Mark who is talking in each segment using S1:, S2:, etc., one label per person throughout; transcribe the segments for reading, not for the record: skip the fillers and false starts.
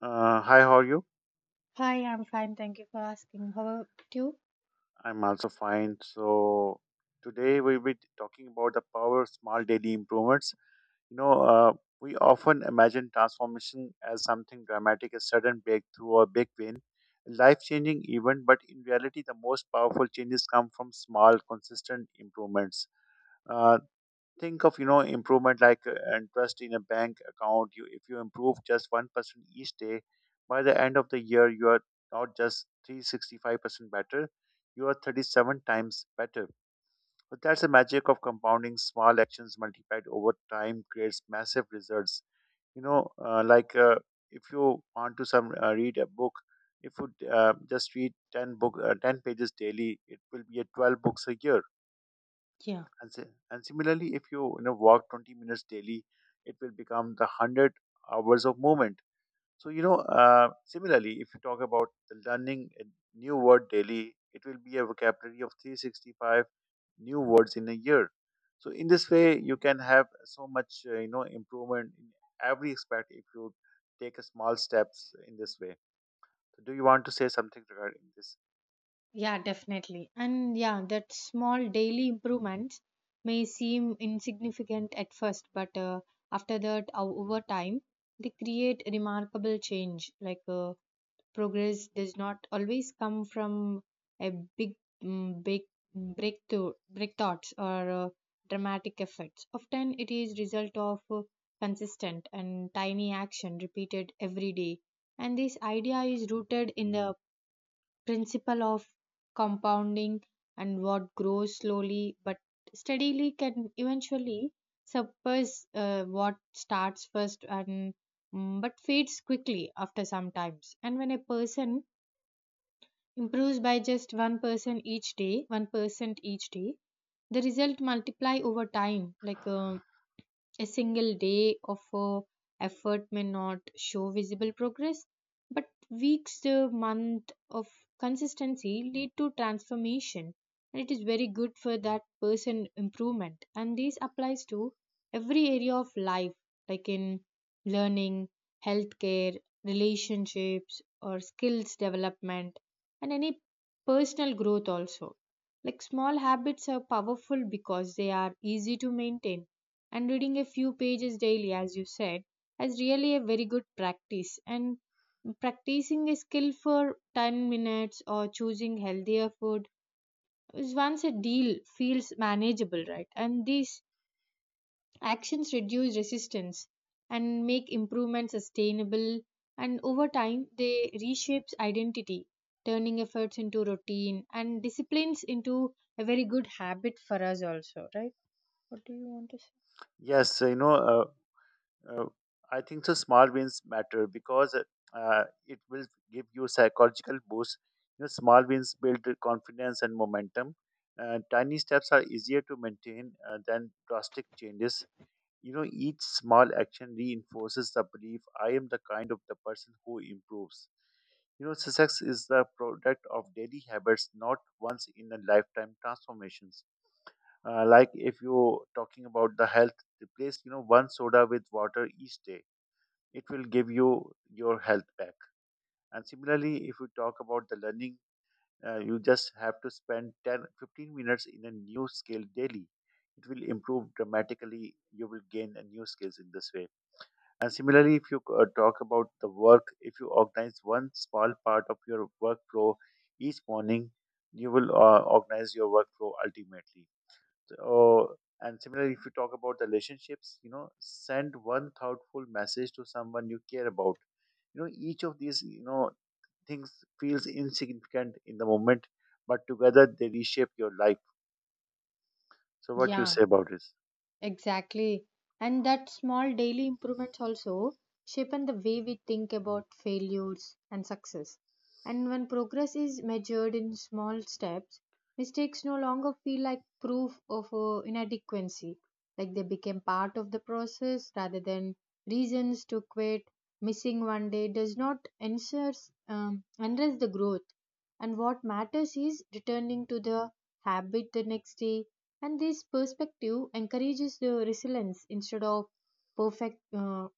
S1: Hi, how are you?
S2: Hi, I'm fine. Thank you for asking. How about you?
S1: I'm also fine. So today we'll be talking about the power of small daily improvements. You know, uh, we often imagine transformation as something dramatic, a sudden breakthrough or big win, a life-changing event. But in reality, the most powerful changes come from small, consistent improvements. Uh, think of improvement like and in a bank account. You, if you improve just 1% each day, by the end of the year you are not just 365% better, you are 37 times better. But that's the magic of compounding. Small actions multiplied over time creates massive results. you know uh, like uh, if you want to some read a book, if you just read 10 book 10 pages daily, it will be a 12 books a year.
S2: Yeah.
S1: And similarly, if you, walk 20 minutes daily, it will become the 100 hours of movement. So, similarly, if you talk about the learning a new word daily, it will be a vocabulary of 365 new words in a year. So, in this way, you can have so much, improvement in every aspect if you take a small steps in this way. So do you want to say something regarding this?
S2: Yeah, definitely. And yeah, that small daily improvements may seem insignificant at first, but after that, over time, they create remarkable change. Like progress does not always come from a big big breakthroughs or dramatic effects. Often it is result of consistent and tiny action repeated every day, and this idea is rooted in the principle of compounding. And what grows slowly but steadily can eventually surpass what starts first and but fades quickly after some times. And when a person improves by just 1% each day, 1% each day, the result multiply over time. Like a single day of effort may not show visible progress, but weeks to month of consistency lead to transformation. And it is very good for that person improvement. And this applies to every area of life, like in learning, healthcare, relationships, or skills development, and any personal growth also. Like small habits are powerful because they are easy to maintain, and reading a few pages daily, as you said, is really a very good practice. And practicing a skill for 10 minutes or choosing healthier food is once a deal, feels manageable, right? And these actions reduce resistance and make improvement sustainable, and over time they reshapes identity, turning efforts into routine and disciplines into a very good habit for us also, right? What do you want to
S1: Yes, Uh, I think so. Small wins matter because it will give you psychological boost. You know, small wins build confidence and momentum. Tiny steps are easier to maintain than drastic changes. You know, each small action reinforces the belief I am the kind of the person who improves. You know, success is the product of daily habits, not once in a lifetime transformations. Like if you're talking about the health, replace one soda with water each day, it will give you your health back. And similarly, if we talk about the learning, you just have to spend 10, 15 minutes in a new skill daily. It will improve dramatically. You will gain a new skills in this way. And similarly, if you talk about the work, if you organize one small part of your workflow each morning, you will organize your workflow ultimately. Or and similarly, if you talk about the relationships, send one thoughtful message to someone you care about. Each of these things feels insignificant in the moment, but together they reshape your life. So
S2: say?
S1: what you
S2: Yeah,
S1: say about this?
S2: exactly. And that small daily improvements also shape the way we think about failures and success. And when progress is measured in small steps, mistakes no longer feel like proof of inadequacy. Like they became part of the process rather than reasons to quit. Missing one day does not ensures, enhance the growth. And what matters is returning to the habit the next day, and this perspective encourages the resilience instead of perfect uh,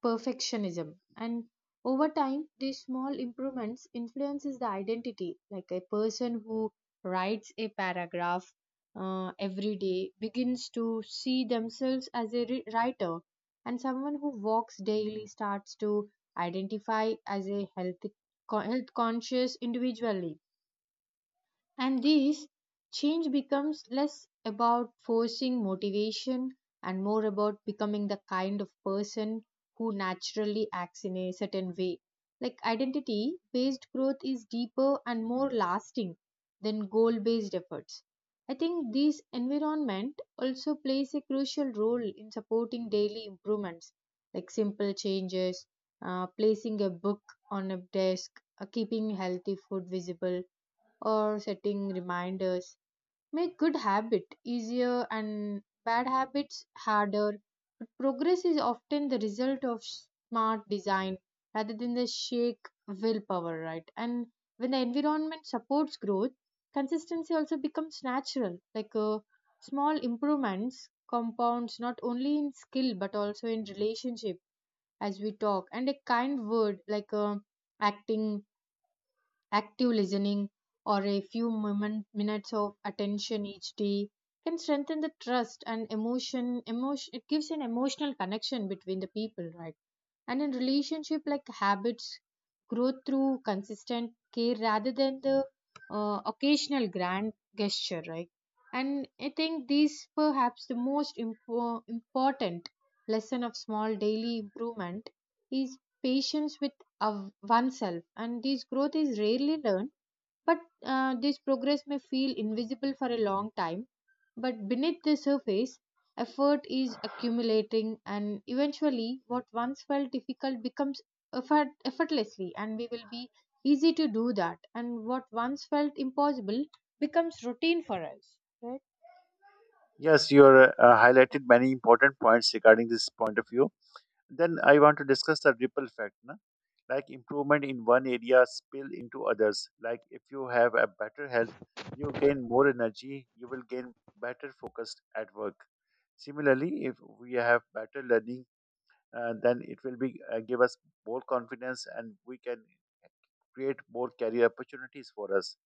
S2: perfectionism. And over time, these small improvements influences the identity. Like a person who writes a paragraph every day begins to see themselves as a writer, and someone who walks daily starts to identify as a healthy, health conscious individually. And this change becomes less about forcing motivation and more about becoming the kind of person who naturally acts in a certain way. Like identity based growth is deeper and more lasting than goal based efforts. I think this environment also plays a crucial role in supporting daily improvements, like simple changes, placing a book on a desk, keeping healthy food visible, or setting reminders make good habit easier and bad habits harder. But progress is often the result of smart design rather than the shake willpower, right? And when the environment supports growth, consistency also becomes natural. Like small improvements compounds not only in skill but also in relationship, as we talk. And a kind word, like acting active listening or a few minutes of attention each day can strengthen the trust and emotion. It gives an emotional connection between the people, right? And in relationship, like habits grow through consistent care rather than the occasional grand gesture, right? And I think these perhaps the most important lesson of small daily improvement is patience with of oneself, and this growth is rarely learned. But this progress may feel invisible for a long time, but beneath the surface effort is accumulating, and eventually what once felt difficult becomes effortlessly, and we will be easy to do that, and what once felt impossible becomes routine for us, right?
S1: Yes, you are highlighted many important points regarding this point of view. Then I want to discuss the ripple effect, like improvement in one area spill into others. Like if you have a better health, you gain more energy, you will gain better focused at work. Similarly, if we have better learning, then it will be give us more confidence and we can create more career opportunities for us.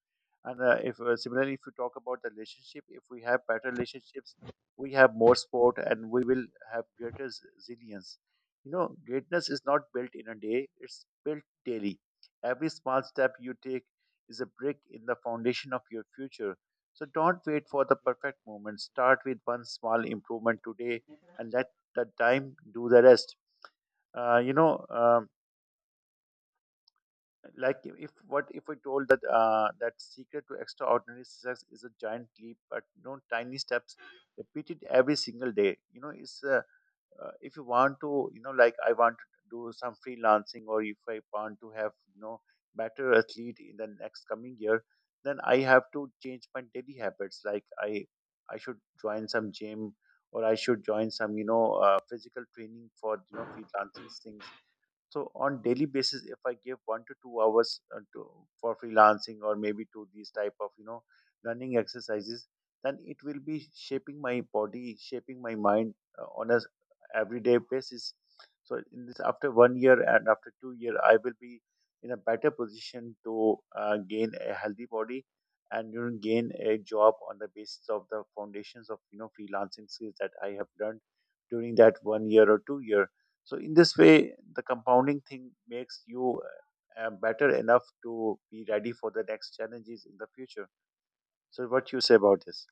S1: And if Similarly, if you talk about the relationship, if we have better relationships, we have more sport, and we will have resilience. You know, greatness is not built in a day; it's built daily. Every small step you take is a brick in the foundation of your future. So don't wait for the perfect moment. Start with one small improvement today, and let the time do the rest. Uh, you know. Um, like if what if we told that that secret to extraordinary success is a giant leap but no tiny steps repeated every single day. You know it's If you want to, like I want to do some freelancing, or if I want to have, better athlete in the next coming year, then I have to change my daily habits. Like I should join some gym, or I should join some physical training for freelancing things. So on daily basis, if I give 1 to 2 hours for freelancing or maybe to these type of running exercises, then it will be shaping my body, shaping my mind on a everyday basis. So in this, after 1 year and after 2 year, I will be in a better position to gain a healthy body and, gain a job on the basis of the foundations of freelancing skills that I have learned during that 1 year or 2 year. So in this way, the compounding thing makes you better enough to be ready for the next challenges in the future. So what you say about this?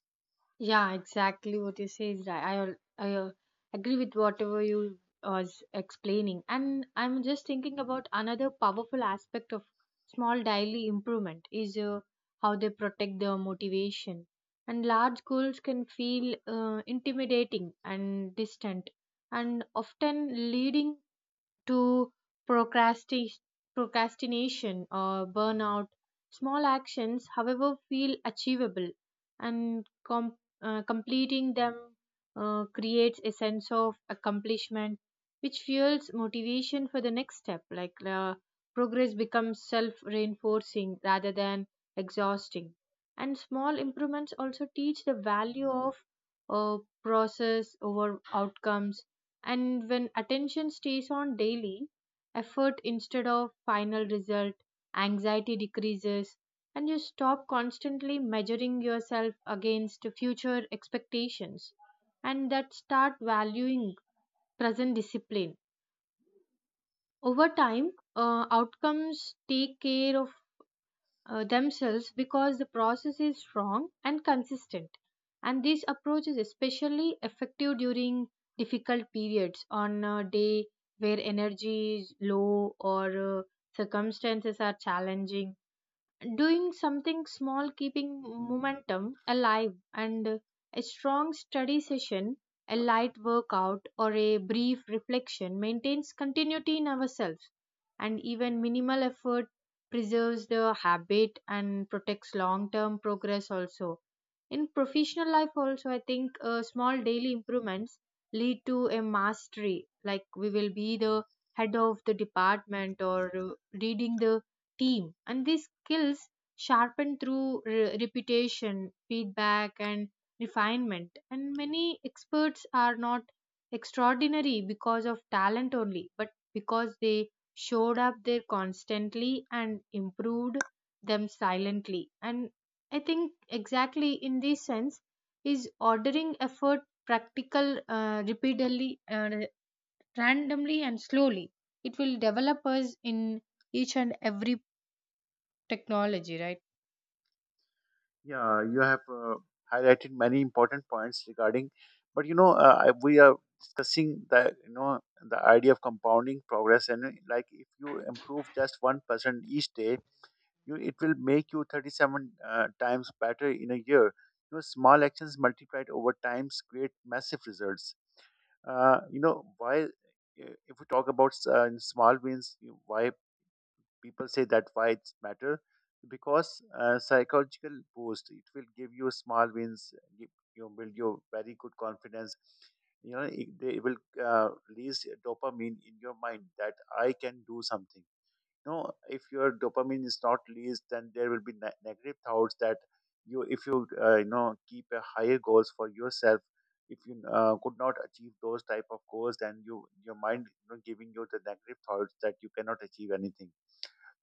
S2: Yeah, exactly what you say is right. I agree with whatever you was explaining, and I'm just thinking about another powerful aspect of small daily improvement is how they protect their motivation. And large goals can feel intimidating and distant, and often leading to procrasti- procrastination or burnout. Small actions, however, feel achievable, and completing them creates a sense of accomplishment which fuels motivation for the next step. Like progress becomes self reinforcing rather than exhausting. And small improvements also teach the value of uh, process over outcomes. And when attention stays on daily effort instead of final result, anxiety decreases, and you stop constantly measuring yourself against future expectations, and that start valuing present discipline. Over time, outcomes take care of themselves because the process is strong and consistent. And this approach is especially effective during difficult periods on a day where energy is low or circumstances are challenging. Doing something small keeping momentum alive, and a strong study session, a light workout, or a brief reflection maintains continuity in ourselves, and even minimal effort preserves the habit and protects long term progress also. In professional life also, I think small daily improvements lead to a mastery, like we will be the head of the department or leading the team, and these skills sharpen through repetition, feedback, and refinement. And many experts are not extraordinary because of talent only, but because they showed up there constantly and improved them silently. And I think exactly, in this sense, is ordering effort practical repeatedly randomly and slowly, it will develop us in each and every technology, right?
S1: Yeah, you have highlighted many important points regarding, but we are discussing the the idea of compounding progress. And Like if you improve just 1% each day, you, it will make you 37 times better in a year. You know, small actions multiplied over times create massive results. If we talk about small wins, you, why people say that why it's matter? Because psychological boost, it will give you. Small wins give you, build your very good confidence. They will uh, release dopamine in your mind that I can do something. You know, if your dopamine is not released, then there will be negative thoughts that you, if you you know keep a higher goals for yourself, if you could not achieve those type of goals, then you, your mind, giving you the negative thoughts that you cannot achieve anything.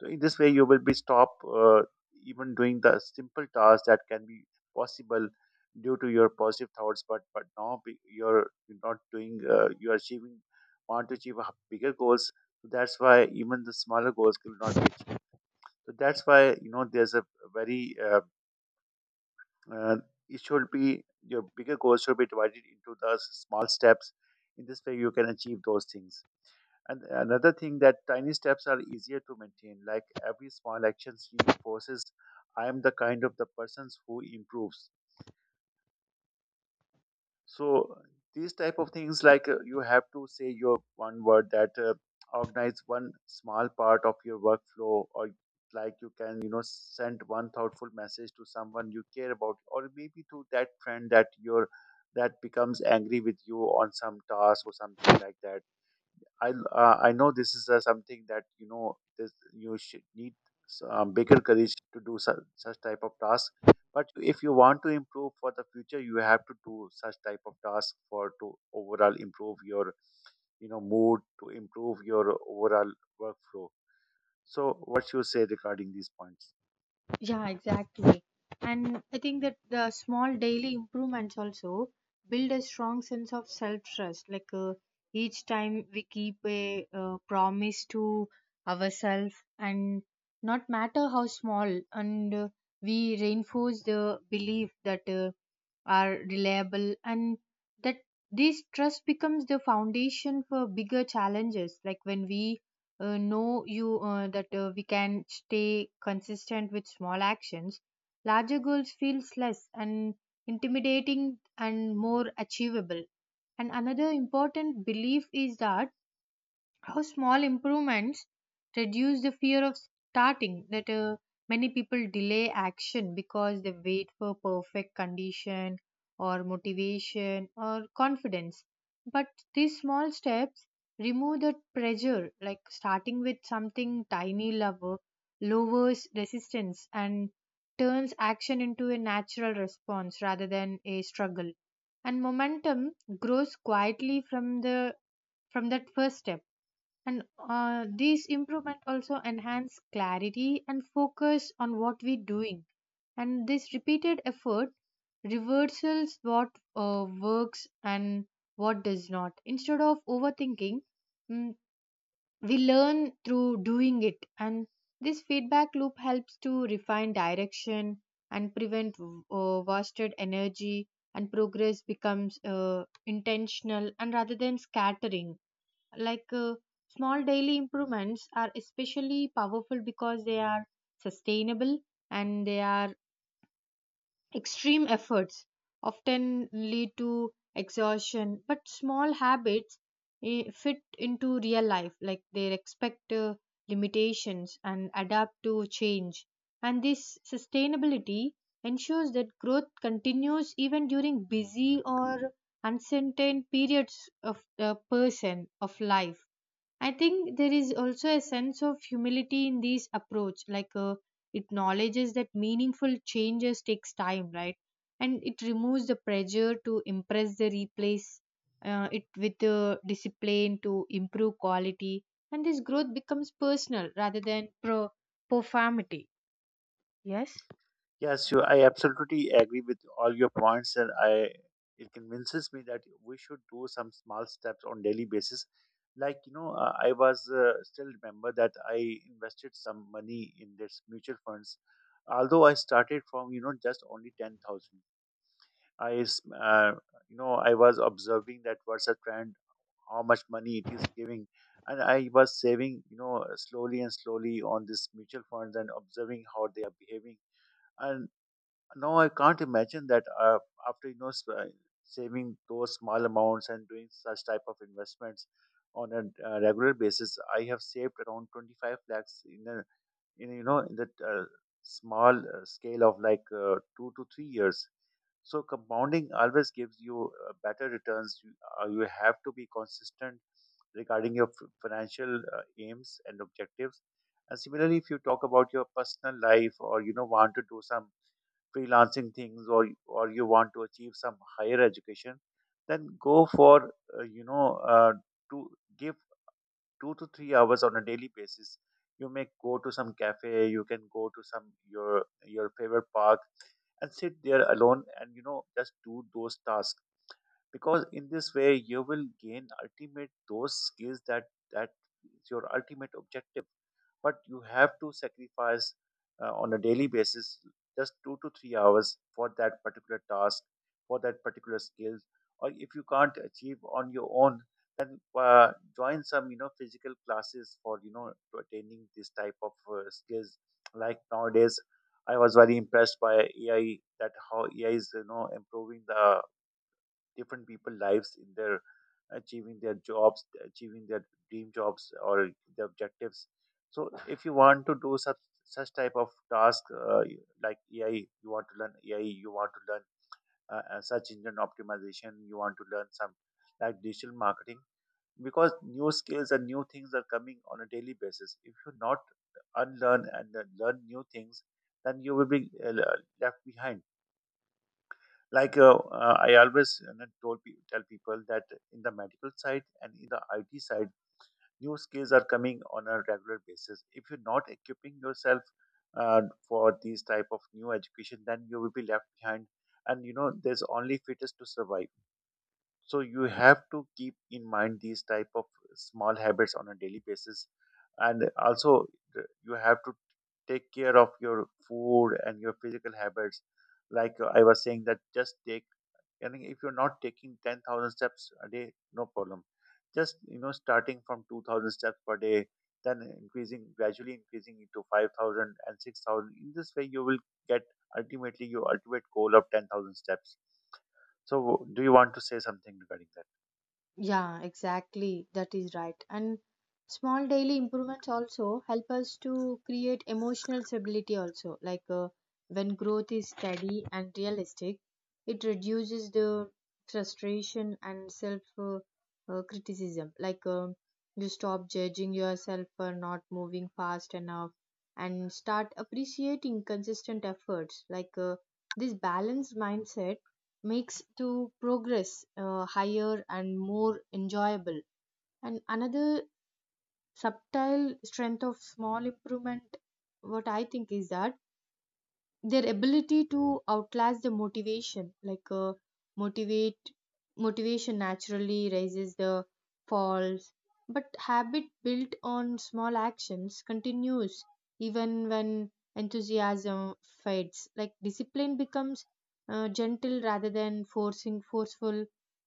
S1: So in this way, you will be stopped even doing the simple tasks that can be possible due to your positive thoughts. But now you're not doing. You're achieving, want to achieve a bigger goals. So that's why even the smaller goals will not be achieved. So that's why, there's a very uh, it should be your bigger goals should be divided into the small steps. In this way, you can achieve those things. And another thing that tiny steps are easier to maintain, like every small action reinforces I am the kind of the persons who improves. So these type of things, like you have to say your one word that organize one small part of your workflow, or like you can, send one thoughtful message to someone you care about, or maybe to that friend that your, that becomes angry with you on some task or something like that. I know this is something that, this you should need bigger courage to do such type of tasks. But if you want to improve for the future, you have to do such type of tasks for to overall improve your, mood, to improve your overall workflow. So, what you say regarding these points?
S2: Yeah, exactly. And I think that the small daily improvements also build a strong sense of self trust. Like each time we keep a promise to ourselves, and not matter how small, and we reinforce the belief that are reliable, and that this trust becomes the foundation for bigger challenges. Like when we know you that we can stay consistent with small actions, larger goals feels less and intimidating and more achievable. And another important belief is that how small improvements reduce the fear of starting, that many people delay action because they wait for perfect condition or motivation or confidence. But these small steps remove that pressure, like starting with something tiny lover lowers resistance and turns action into a natural response rather than a struggle, and momentum grows quietly from that first step. And these improvement also enhance clarity and focus on what we're doing. And this repeated effort reversals what works and what does not. Instead of overthinking, mm, we learn through doing it. And this feedback loop helps to refine direction and prevent wasted energy, and progress becomes intentional and rather than scattering. Like small daily improvements are especially powerful because they are sustainable, and they are extreme efforts often lead to exhaustion, but small habits fit into real life, like they respect limitations and adapt to change. And this sustainability ensures that growth continues even during busy or uncertain periods of the person of life. I think there is also a sense of humility in this approach, like it acknowledges that meaningful changes takes time, right? And it removes the pressure to impress the replace it with the discipline to improve quality, and this growth becomes personal rather than pro performity. Yes.
S1: Yes, you, I absolutely agree with all your points, and I, it convinces me that we should do some small steps on daily basis. Like you know, I was still remember that I invested some money in this mutual funds, although I started from, just only 10,000. I s- you know I was observing that what's a trend, how much money it is giving, and I was saving, slowly and slowly on this mutual funds and observing how they are behaving. And. Now I can't imagine that after you know s- saving those small amounts and doing such type of investments on a regular basis, I have saved around 25 lakhs in a, in you know in that small scale of like 2 to 3 years. So compounding always gives you better returns. You have to be consistent regarding your financial aims and objectives. And similarly, if you talk about your personal life, or want to do some freelancing things, or you want to achieve some higher education, then go for you know to give 2 to 3 hours on a daily basis. You may go to some cafe, you can go to some your your favorite park and sit there alone and, just do those tasks, because in this way you will gain ultimate those skills that that is your ultimate objective. But you have to sacrifice on a daily basis just 2 to 3 hours for that particular task, for that particular skill. Or if you can't achieve on your own, then join some, physical classes for, to attaining this type of skills. Like nowadays, I was very impressed by AI, that how AI is improving the different people lives in their achieving their jobs, achieving their dream jobs or the objectives. So if you want to do such type of task, uh, like AI, you want to learn AI, you want to learn search engine optimization, you want to learn some like digital marketing, because new skills and new things are coming on a daily basis. If you not unlearn and learn new things, then you will be left behind. Like I always, you know, tell people that in the medical side and in the IT side, new skills are coming on a regular basis. If you're not equipping yourself uh, for these type of new education, then you will be left behind. And you know, there's only fittest to survive. So you have to keep in mind these type of small habits on a daily basis, and also you have to take care of your food and your physical habits. Like I was saying that just take, I mean, if you're not taking 10,000 steps a day, no problem. Just, you know, starting from 2,000 steps per day, then increasing, gradually increasing it to 5,000 and 6,000. In this way, you will get ultimately your ultimate goal of 10,000 steps. So, do you want to say something regarding that?
S2: Yeah, exactly. That is right. And small daily improvements also help us to create emotional stability also. Like when growth is steady and realistic, it reduces the frustration and self criticism. Like you stop judging yourself for not moving fast enough and start appreciating consistent efforts. Like this balanced mindset makes to progress higher and more enjoyable. And another subtle strength of small improvement, what I think, is that their ability to outlast the motivation. Like motivate motivation naturally raises the falls, but habit built on small actions continues even when enthusiasm fades. Like discipline becomes gentle rather than forcing forceful,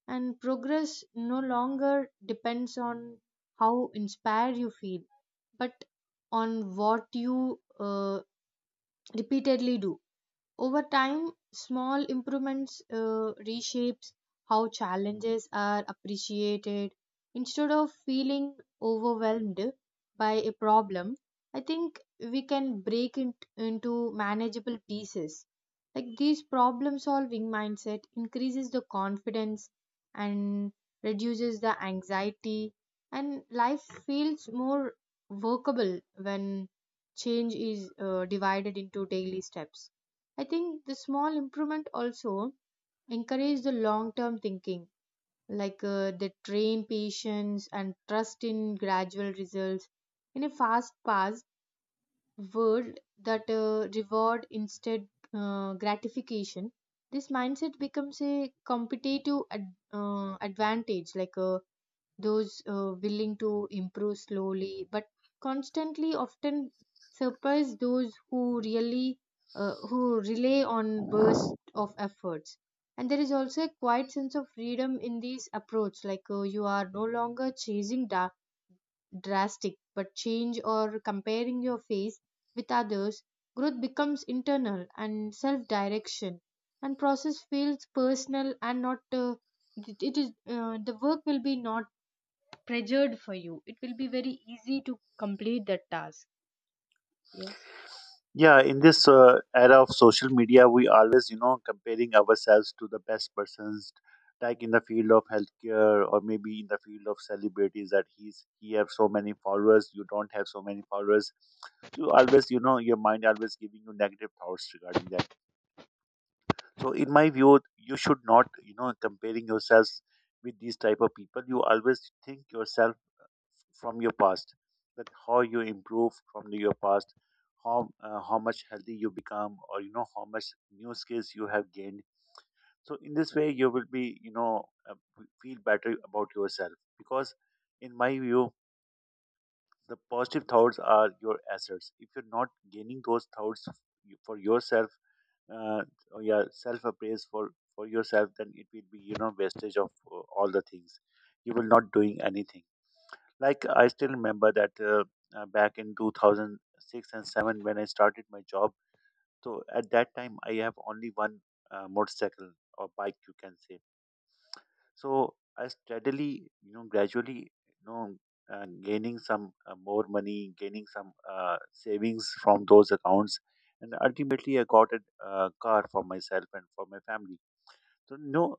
S2: and progress no longer depends on how inspired you feel, but on what you repeatedly do. Over time, small improvements reshapes how challenges are appreciated. Instead of feeling overwhelmed by a problem, I think we can break it into manageable pieces. Like this problem solving mindset increases the confidence and reduces the anxiety, and life feels more workable when change is divided into daily steps. I think the small improvement also encourage the long term thinking, like they train patience and trust in gradual results. In a fast paced world that reward instead gratification, this mindset becomes a competitive advantage. Like those willing to improve slowly but constantly often surprise those who really who rely on bursts of efforts. And there is also a quiet sense of freedom in these approach, like you are no longer chasing drastic but change or comparing your face with others. Growth becomes internal and self direction, and process feels personal, and not it is the work will be not pressured for you, it will be very easy to complete that task. Yes.
S1: Yeah, in this era of social media, we always, you know, comparing ourselves to the best persons, like in the field of healthcare or maybe in the field of celebrities, that he's he have so many followers, you don't have so many followers. So always, you know, your mind always giving you negative thoughts regarding that. So in my view, you should not, you know, comparing yourselves with these type of people. You always think yourself from your past, that how you improve from your past, how much healthy you become, or you know how much new skills you have gained. So in this way, you will be, you know, feel better about yourself, because in my view, the positive thoughts are your assets. If you're not gaining those thoughts for yourself, uh, or yeah, self appraise for yourself, then it will be, you know, wastage of all the things. You will not doing anything. Like I still remember that back in 2006 and 7 when I started my job. So at that time I have only one motorcycle or bike, you can say. So I steadily, you know, gradually, you know, gaining some more money, gaining some savings from those accounts, and ultimately I got a car for myself and for my family. So no,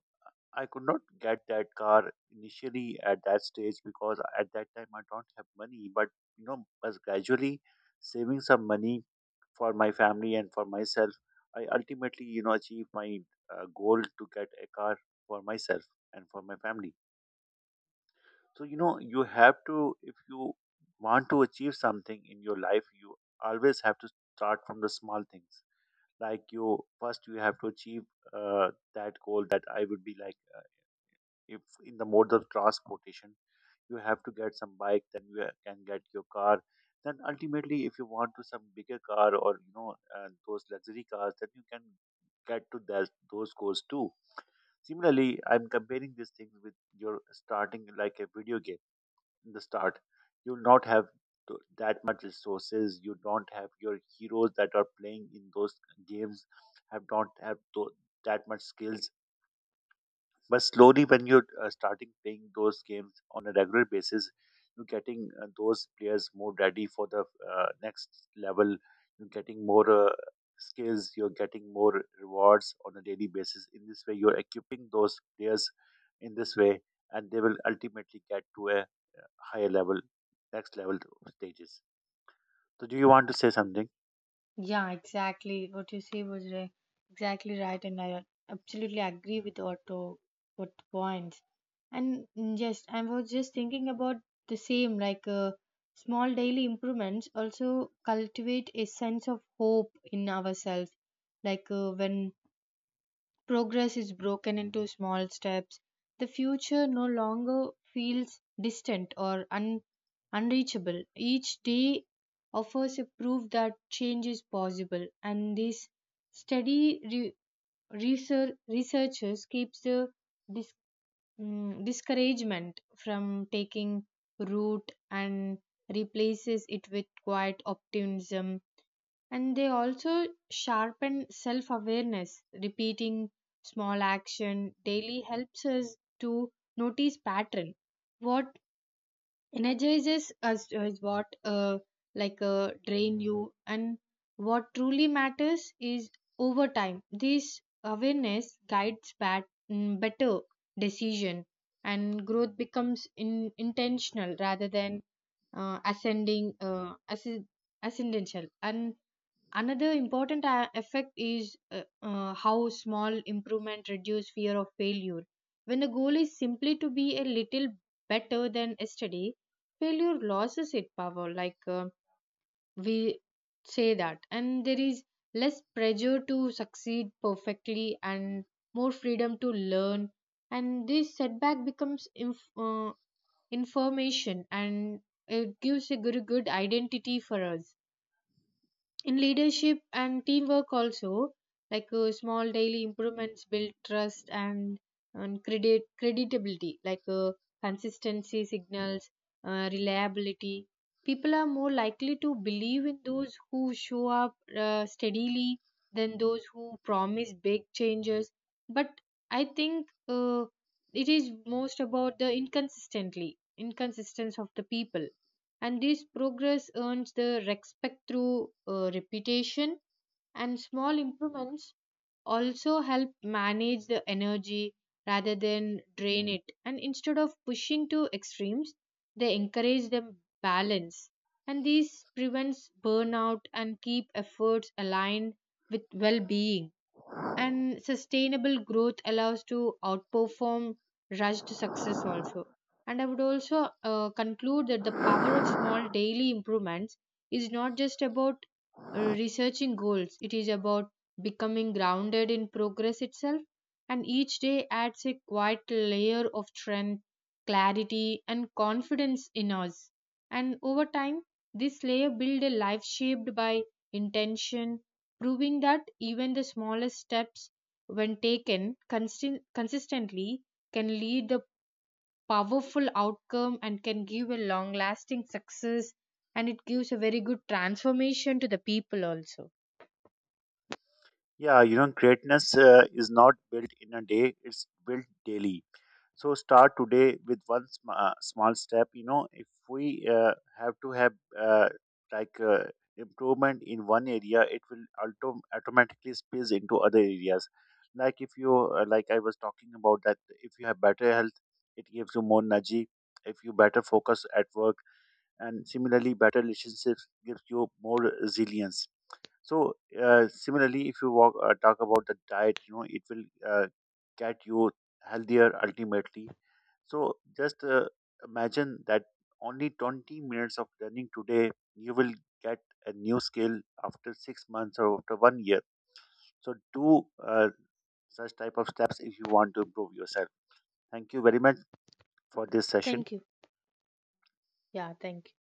S1: I could not get that car initially at that stage, because at that time I don't have money. But you know, as gradually saving some money for my family and for myself, I ultimately achieved my goal to get a car for myself and for my family. So you know, you have to, if you want to achieve something in your life, you always have to start from the small things. Like you first, you have to achieve uh, that goal that I would be like, if in the mode of transportation you have to get some bike, then you can get your car. Then ultimately if you want to some bigger car, or you know those luxury cars, then you can get to that those goals too. Similarly, I'm comparing these things with your starting, like a video game. In the start, you'll not have that much resources, you don't have your heroes that are playing in those games, have don't have that much skills. But slowly, when you're starting playing those games on a regular basis, you're getting those players more ready for the next level. You're getting more skills. You're getting more rewards on a daily basis. In this way, you're equipping those players in this way, and they will ultimately get to a higher level, next level stages. So, do you want to say something?
S2: Yeah, exactly. What you say was exactly right, and I absolutely agree with what points. And just I was just thinking about the same. Like small daily improvements also cultivate a sense of hope in ourselves. Like when progress is broken into small steps, the future no longer feels distant or unreachable. Each day offers a proof that change is possible, and this steady re- researchers keeps the dis- discouragement from taking root and replaces it with quiet optimism. And they also sharpen self awareness, repeating small action daily helps us to notice pattern, what energizes us is what like drain you and what truly matters is, over time, this awareness guides better decision, and growth becomes intentional rather than uh, ascending uh, asc- ascendental. And another important effect is how small improvement reduce fear of failure. When the goal is simply to be a little better than yesterday, failure loses its power. Like we say that, and there is less pressure to succeed perfectly and more freedom to learn. And this setback becomes information, and it gives a good identity for us in leadership and teamwork also. Like small daily improvements build trust and creditability. Like consistency signals reliability. People are more likely to believe in those who show up steadily than those who promise big changes. But I think it is most about the inconsistently inconsistence of the people, and this progress earns the respect through reputation. And small improvements also help manage the energy rather than drain it, and instead of pushing to extremes, they encourage them balance, and this prevents burnout and keep efforts aligned with well-being, and sustainable growth allows to outperform rushed success also. And I would also conclude that the power of small daily improvements is not just about researching goals, it is about becoming grounded in progress itself. And each day adds a quiet layer of strength, clarity, and confidence in us, and over time this layer builds a life shaped by intention, proving that even the smallest steps, when taken consistently, can lead a powerful outcome and can give a long lasting success, and it gives a very good transformation to the people also.
S1: Yeah, you know, greatness is not built in a day, it's built daily. So start today with one small step. You know, if we have to have uh, like improvement in one area, it will automatically spills into other areas. Like if you, like I was talking about that, if you have better health, it gives you more energy. If you better focus at work, and similarly, better relationships gives you more resilience. So similarly, if you walk, talk about the diet, you know it will get you healthier ultimately. So just imagine that only 20 minutes of learning today, you will get a new skill after 6 months or after one year. So do such type of steps if you want to improve yourself. Thank you very much for this session.
S2: Thank you. Yeah, thank you.